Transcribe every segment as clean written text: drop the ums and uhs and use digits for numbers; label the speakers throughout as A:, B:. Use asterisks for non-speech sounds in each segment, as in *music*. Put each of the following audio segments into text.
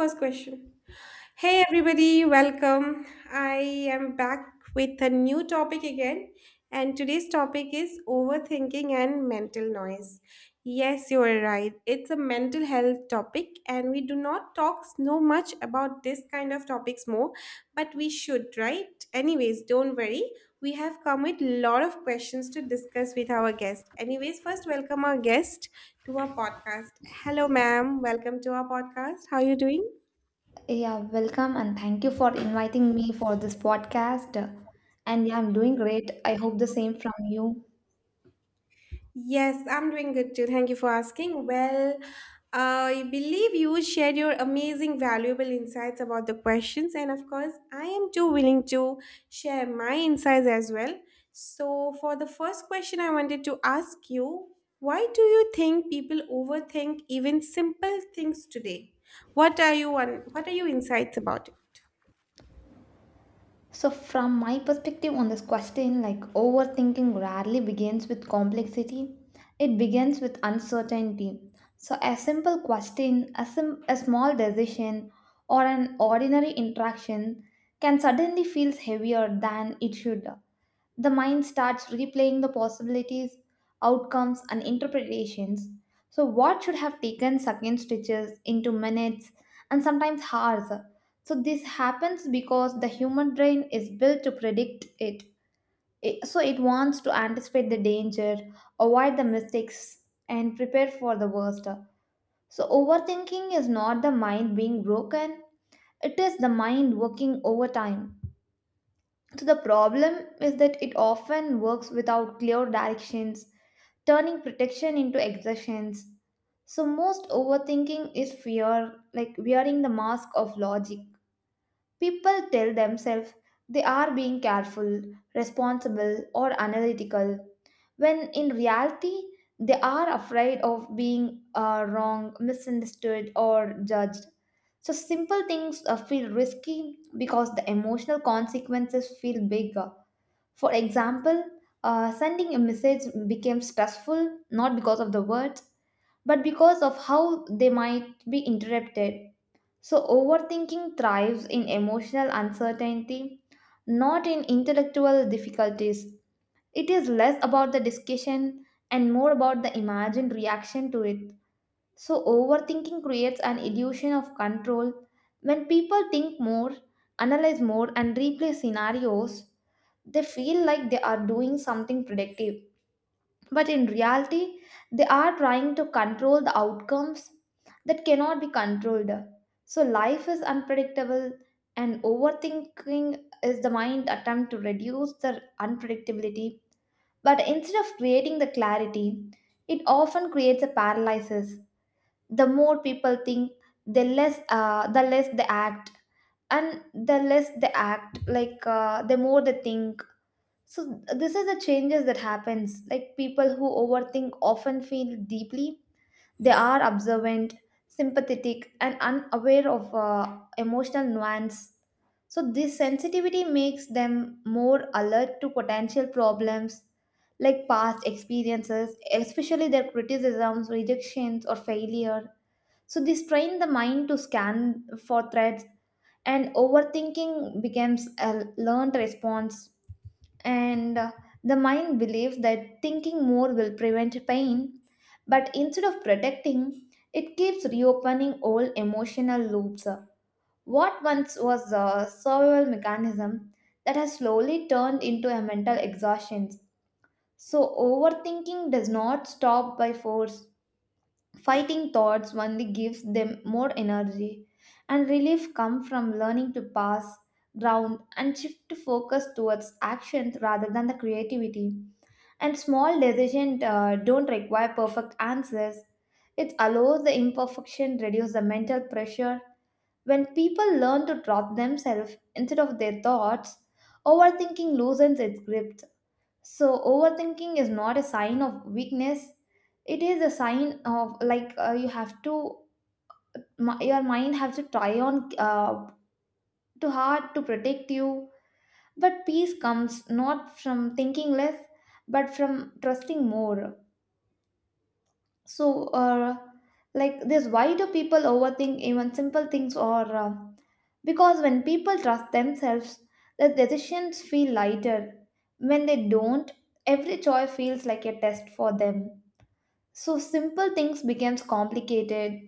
A: First question. Hey everybody, welcome. I am back with a new topic again, and today's topic is overthinking and mental noise. Yes, you are right. It's a mental health topic, and we do not talk so much about this kind of topics more, but we should, right? Anyways, don't worry. We have come with lot of questions to discuss with our guest. Anyways, first welcome our guest to our podcast. Hello, ma'am. Welcome to our podcast. How are you doing?
B: Yeah, welcome and thank you for inviting me for this podcast. And yeah, I'm doing great. I hope the same from you.
A: Yes, I'm doing good too. Thank you for asking. Well, I believe you shared your amazing, valuable insights about the questions, and of course, I am too willing to share my insights as well. So, for the first question, I wanted to ask you why do you think people overthink even simple things today? What are your insights about it?
B: So, from my perspective on this question, like overthinking rarely begins with complexity, it begins with uncertainty. So, a simple question, a small decision, or an ordinary interaction can suddenly feel heavier than it should. The mind starts replaying the possibilities, outcomes, and interpretations. So, what should have taken second stitches into minutes and sometimes hours? So, this happens because the human brain is built to predict it. So, it wants to anticipate the danger, avoid the mistakes, and prepare for the worst. So, overthinking is not the mind being broken, it is the mind working overtime. So the problem is that it often works without clear directions, turning protection into exertions. So most overthinking is fear, like wearing the mask of logic. People tell themselves they are being careful, responsible, or analytical, when in reality they are afraid of being wrong, misunderstood, or judged. So simple things feel risky because the emotional consequences feel big. For example, sending a message became stressful not because of the words, but because of how they might be interrupted. So, overthinking thrives in emotional uncertainty, not in intellectual difficulties. It is less about the discussion and more about the imagined reaction to it. So, overthinking creates an illusion of control. When people think more, analyze more, and replay scenarios, they feel like they are doing something productive. But in reality, they are trying to control the outcomes that cannot be controlled. So, life is unpredictable, and overthinking is the mind attempt to reduce the unpredictability. But instead of creating the clarity, it often creates a paralysis. The more people think, the less they act, and the less they act, like the more they think. So this is the changes that happens. Like people who overthink often feel deeply, they are observant, sympathetic, and unaware of emotional nuance. So this sensitivity makes them more alert to potential problems, like past experiences, especially their criticisms, rejections, or failure. So this trained the mind to scan for threats, and overthinking becomes a learned response. And The mind believes that thinking more will prevent pain, but instead of protecting, it keeps reopening old emotional loops. What once was a survival mechanism that has slowly turned into a mental exhaustion. So overthinking does not stop by force. Fighting thoughts only gives them more energy, and relief comes from learning to pass, ground, and shift focus towards actions rather than the creativity. And small decisions don't require perfect answers. It allows the imperfection reduce the mental pressure. When people learn to trust themselves instead of their thoughts, overthinking loosens its grip. So, overthinking is not a sign of weakness. It is a sign of, like, you have to, your mind has to try on too hard to protect you. But peace comes not from thinking less, but from trusting more. So, like this, why do people overthink even simple things? Or because when people trust themselves, the decisions feel lighter. When they don't, every choice feels like a test for them. So simple things becomes complicated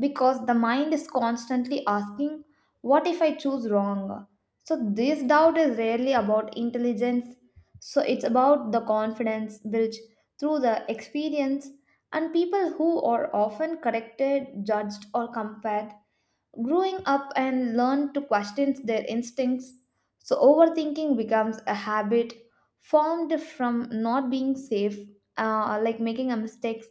B: because the mind is constantly asking, what if I choose wrong? So this doubt is rarely about intelligence. So it's about the confidence built through the experience, and people who are often corrected, judged, or compared growing up and learn to question their instincts. So, overthinking becomes a habit formed from not being safe, like making a mistake.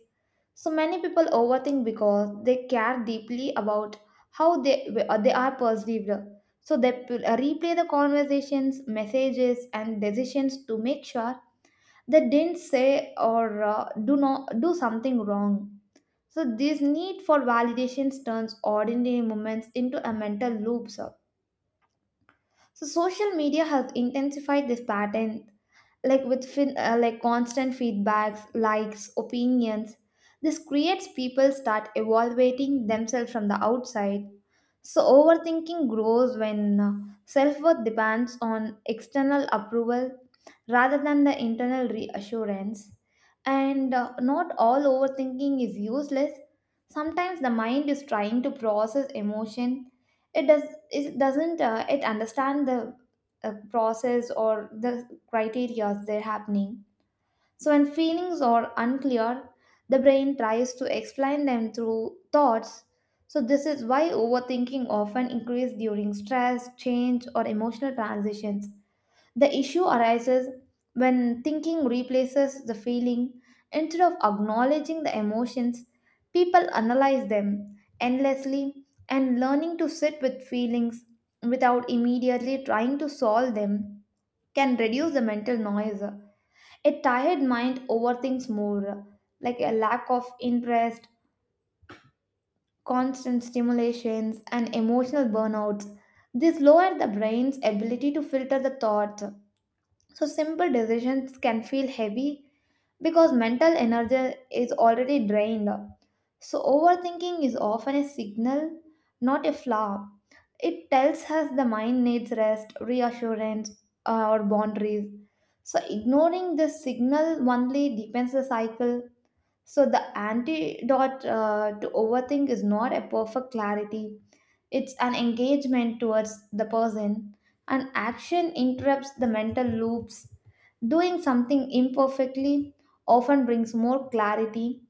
B: So, many people overthink because they care deeply about how they are perceived. So, replay the conversations, messages, and decisions to make sure they didn't say or do not do something wrong. So this need for validations turns ordinary moments into a mental loops. So social media has intensified this pattern, like with like constant feedbacks, likes, opinions. This creates people start evaluating themselves from the outside. So overthinking grows when self-worth depends on external approval rather than the internal reassurance. And Not all overthinking is useless. Sometimes the mind is trying to process emotion. It does it doesn't it understand the process or the criteria they're happening. So when feelings are unclear, the brain tries to explain them through thoughts. So this is why overthinking often increases during stress, change, or emotional transitions. The issue arises when thinking replaces the feeling. Instead of acknowledging the emotions, people analyze them endlessly, and learning to sit with feelings without immediately trying to solve them can reduce the mental noise. A tired mind overthinks more, like a lack of interest, constant stimulations, and emotional burnouts. This lower the brain's ability to filter the thoughts. So simple decisions can feel heavy because mental energy is already drained. So overthinking is often a signal, not a flaw. It tells us the mind needs rest, reassurance, or boundaries. So ignoring this signal only deepens the cycle. So the antidote to overthink is not a perfect clarity. It's an engagement towards the person, and action interrupts the mental loops. Doing something imperfectly often brings more clarity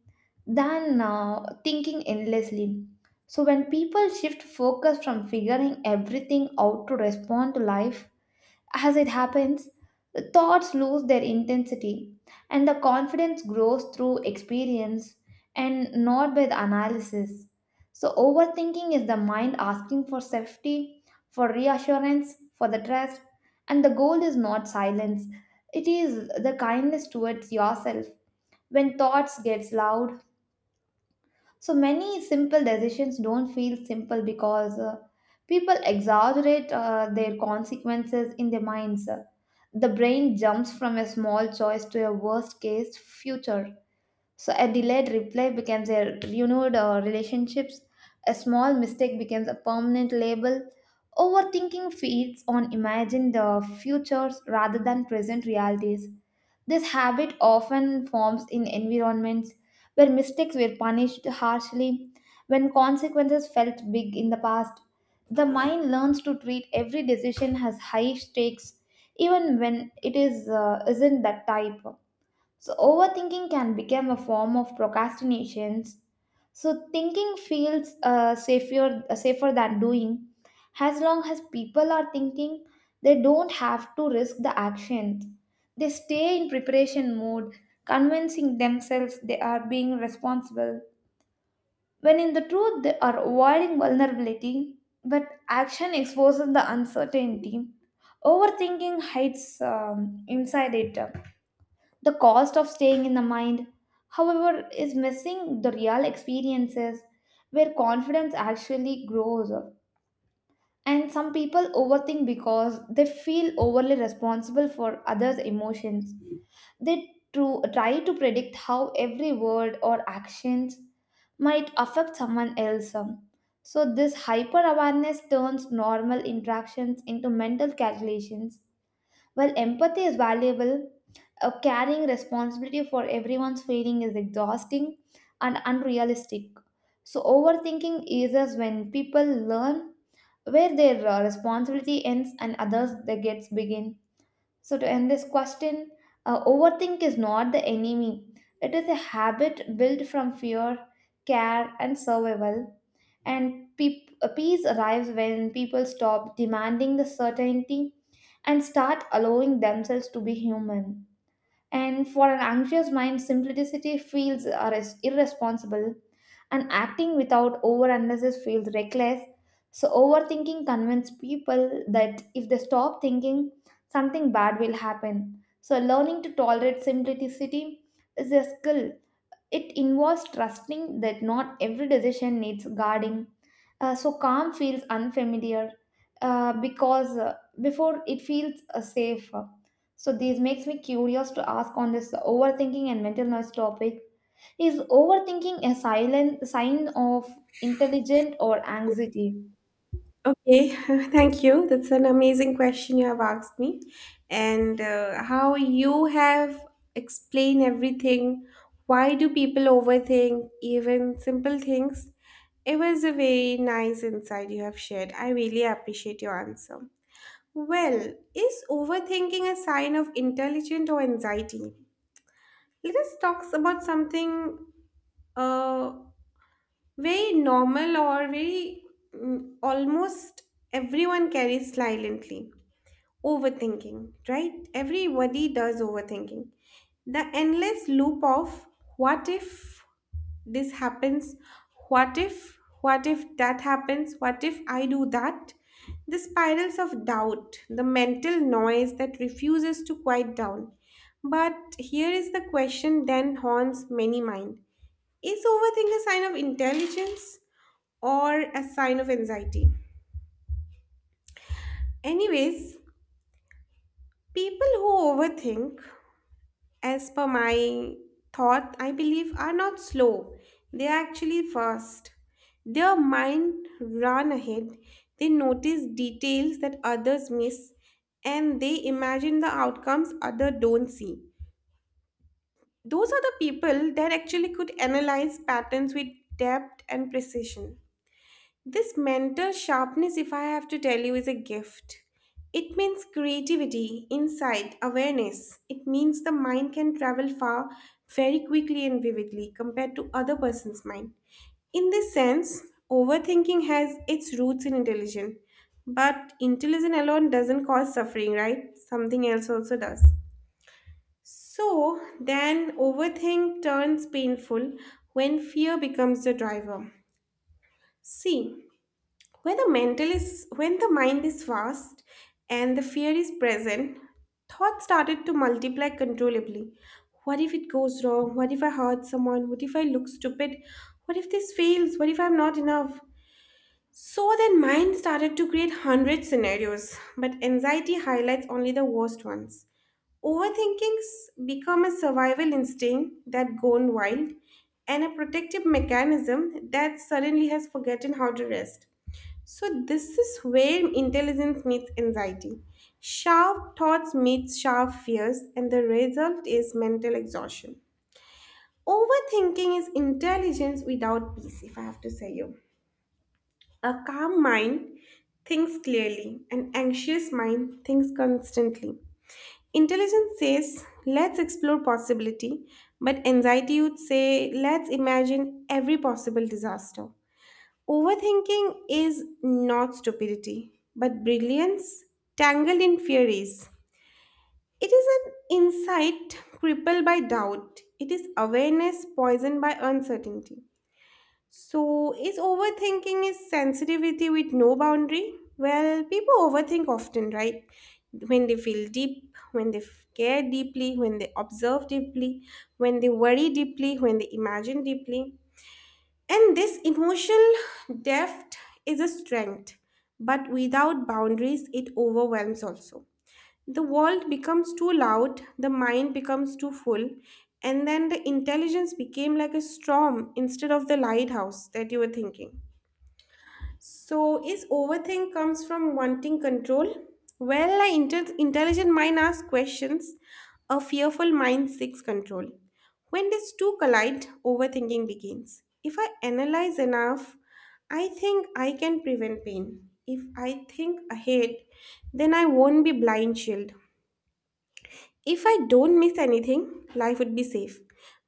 B: than thinking endlessly. So, when people shift focus from figuring everything out to respond to life, as it happens, the thoughts lose their intensity, and the confidence grows through experience and not by the analysis. So, overthinking is the mind asking for safety, for reassurance, for the trust, and the goal is not silence, it is the kindness towards yourself. When thoughts gets loud, so many simple decisions don't feel simple because people exaggerate their consequences in their minds. The brain jumps from a small choice to a worst case future. So a delayed reply becomes a renewed relationships. A small mistake becomes a permanent label. Overthinking feeds on imagined futures rather than present realities. This habit often forms in environments where mistakes were punished harshly, when consequences felt big in the past. The mind learns to treat every decision as high stakes, even when it is isn't that type. So overthinking can become a form of procrastinations. So thinking feels safer than doing. As long as people are thinking, they don't have to risk the actions. They stay in preparation mode, convincing themselves they are being responsible. When in the truth they are avoiding vulnerability, but action exposes the uncertainty. Overthinking hides inside it. The cost of staying in the mind, however, is missing the real experiences where confidence actually grows. And some people overthink because they feel overly responsible for others' emotions. They try to predict how every word or actions might affect someone else. So, this hyper awareness turns normal interactions into mental calculations. While empathy is valuable, carrying responsibility for everyone's feeling is exhausting and unrealistic. So, overthinking eases when people learn where their responsibility ends and others they gets begin. So, to end this question, overthink is not the enemy. It is a habit built from fear, care, and survival, and peace arrives when people stop demanding the certainty and start allowing themselves to be human. And for an anxious mind, simplicity irresponsible, and acting without over analysis feels reckless. So, overthinking convinces people that if they stop thinking, something bad will happen. So, learning to tolerate simplicity is a skill. It involves trusting that not every decision needs guarding. So calm feels unfamiliar because before it feels safe. So this makes me curious to ask on this overthinking and mental noise topic. Is overthinking a silent sign of intelligent or anxiety?
A: Okay, *laughs* thank you. That's an amazing question you have asked me. And how you have explained everything. Why do people overthink even simple things? It was a very nice insight you have shared. I really appreciate your answer. Well, is overthinking a sign of intelligence or anxiety? Let us talk about something Uh, very normal or very almost everyone carries silently overthinking, right? Everybody does overthinking, the endless loop of what if this happens, what if that happens, what if I do that, the spirals of doubt, the mental noise that refuses to quiet down. But here is the question then haunts many mind: is overthink a sign of intelligence or a sign of anxiety? Anyways, people who overthink, as per my thought, I believe, are not slow. They are actually fast. Their mind run ahead. They notice details that others miss, and they imagine the outcomes others don't see. Those are the people that actually could analyze patterns with depth and precision. This mental sharpness, if I have to tell you, is a gift. It means creativity, insight, awareness. It means the mind can travel far very quickly and vividly compared to other person's mind. In this sense, overthinking has its roots in intelligence. But intelligence alone doesn't cause suffering, right? Something else also does. So then overthink turns painful when fear becomes the driver. See, when the mind is fast and the fear is present, thoughts started to multiply controllably. What if it goes wrong? What if I hurt someone? What if I look stupid? What if this fails? What if I'm not enough? So then mind started to create hundred scenarios, but anxiety highlights only the worst ones. Overthinkings become a survival instinct that gone wild, and a protective mechanism that suddenly has forgotten how to rest. So this is where intelligence meets anxiety. Sharp thoughts meet sharp fears, and the result is mental exhaustion. Overthinking is intelligence without peace, if I have to say you. A calm mind thinks clearly, an anxious mind thinks constantly. Intelligence says, let's explore possibility, but anxiety would say, let's imagine every possible disaster. Overthinking is not stupidity, but brilliance tangled in theories. It is an insight crippled by doubt. It is awareness poisoned by uncertainty. So, is overthinking is sensitivity with no boundary? Well, people overthink often, right? When they feel deep, care deeply, when they observe deeply, when they worry deeply, when they imagine deeply. And this emotional depth is a strength, but without boundaries, it overwhelms also. The world becomes too loud, the mind becomes too full, and then the intelligence became like a storm instead of the lighthouse that you were thinking. So, is overthink comes from wanting control? Well, intelligent mind asks questions. A fearful mind seeks control. When these two collide, overthinking begins. If I analyze enough, I think I can prevent pain. If I think ahead, then I won't be blind shielded. If I don't miss anything, life would be safe.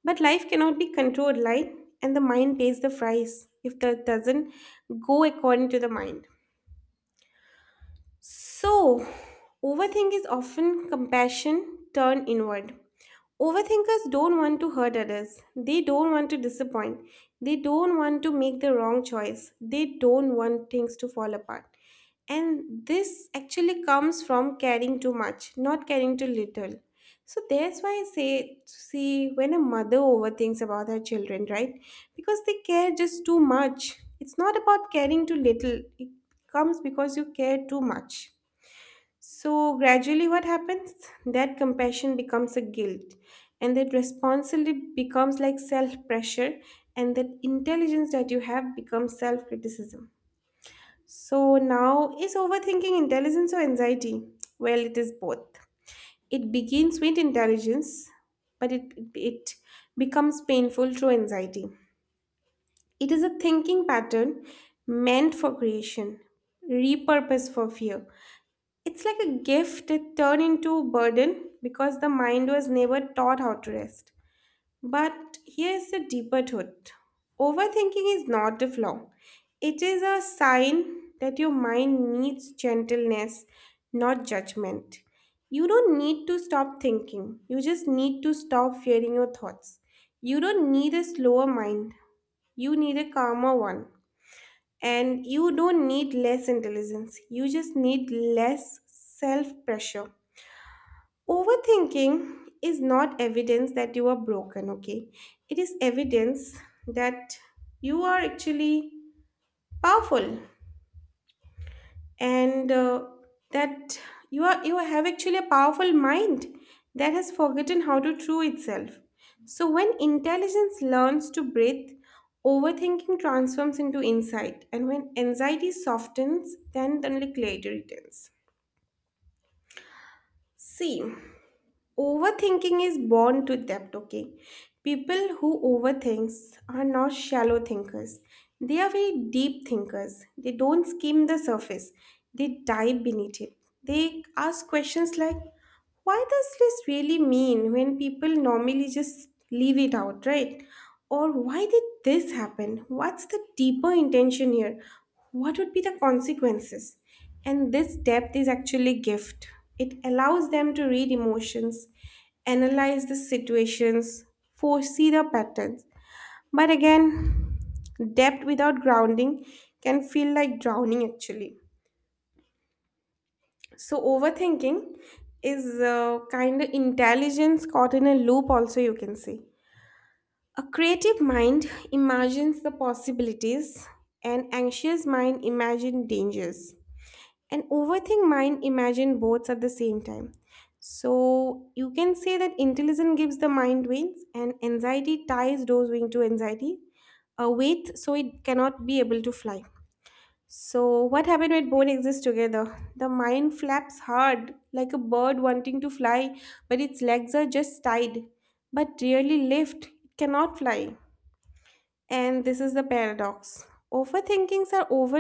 A: But life cannot be controlled, right? And the mind pays the price if that doesn't go according to the mind. So, overthink is often compassion turned inward. Overthinkers don't want to hurt others. They don't want to disappoint. They don't want to make the wrong choice. They don't want things to fall apart. And this actually comes from caring too much, not caring too little. So that's why I say, see, when a mother overthinks about her children, right? Because they care just too much. It's not about caring too little, it comes because you care too much. So, gradually, what happens? That compassion becomes a guilt, and that responsibility becomes like self pressure, and that intelligence that you have becomes self criticism. So, now is overthinking intelligence or anxiety? Well, it is both. It begins with intelligence, but it becomes painful through anxiety. It is a thinking pattern meant for creation, repurposed for fear. It's like a gift that turned into burden because the mind was never taught how to rest. But here's the deeper truth. Overthinking is not a flaw. It is a sign that your mind needs gentleness, not judgment. You don't need to stop thinking. You just need to stop fearing your thoughts. You don't need a slower mind. You need a calmer one. And you don't need less intelligence, you just need less self pressure. Overthinking is not evidence that you are broken, okay? It is evidence that you are actually powerful, and that you have actually a powerful mind that has forgotten how to true itself. So when intelligence learns to breathe, overthinking transforms into insight, and when anxiety softens, then only clarity returns. See, overthinking is born to depth, okay? People who overthinks are not shallow thinkers. They are very deep thinkers. They don't skim the surface. They dive beneath it. They ask questions like, why does this really mean when people normally just leave it out, right? Or why did this happen? What's the deeper intention here? What would be the consequences? And this depth is actually a gift. It allows them to read emotions, analyze the situations, foresee the patterns. But again, depth without grounding can feel like drowning actually. So overthinking is a kind of intelligence caught in a loop, also you can say. A creative mind imagines the possibilities, an anxious mind imagines dangers, an overthink mind imagine both at the same time. So you can say that intelligence gives the mind wings, and anxiety ties those wings to anxiety, a weight, so it cannot be able to fly. So what happened when both exist together? The mind flaps hard like a bird wanting to fly, but its legs are just tied, but rarely lift it, cannot fly. And this is the paradox. Overthinkings are over,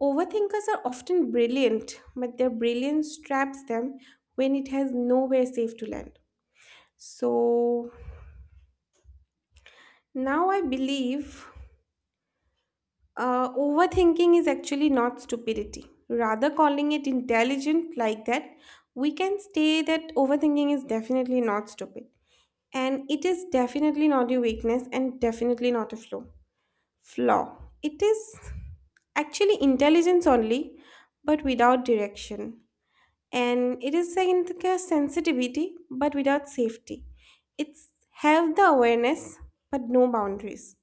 A: overthinkers are often brilliant, but their brilliance traps them when it has nowhere safe to land. So now I believe overthinking is actually not stupidity. Rather, calling it intelligent like that, we can say that overthinking is definitely not stupid. And it is definitely not a weakness and definitely not a flaw. Flaw. It is actually intelligence only, but without direction. And it is like a sensitivity, but without safety. It's have the awareness, but no boundaries.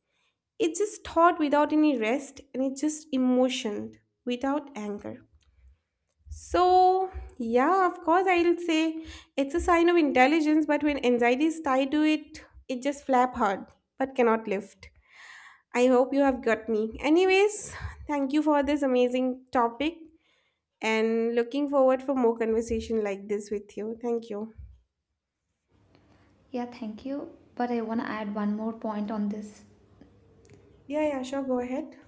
A: It's just thought without any rest, and it's just emotion without anger. So, yeah, of course, I'll say it's a sign of intelligence, but when anxiety is tied to it, it just flap hard but cannot lift. I hope you have got me. Anyways, thank you for this amazing topic and looking forward for more conversation like this with you. Thank you.
B: Yeah, thank you. But I want to add one more point on this.
A: Yeah, yeah, sure, go ahead.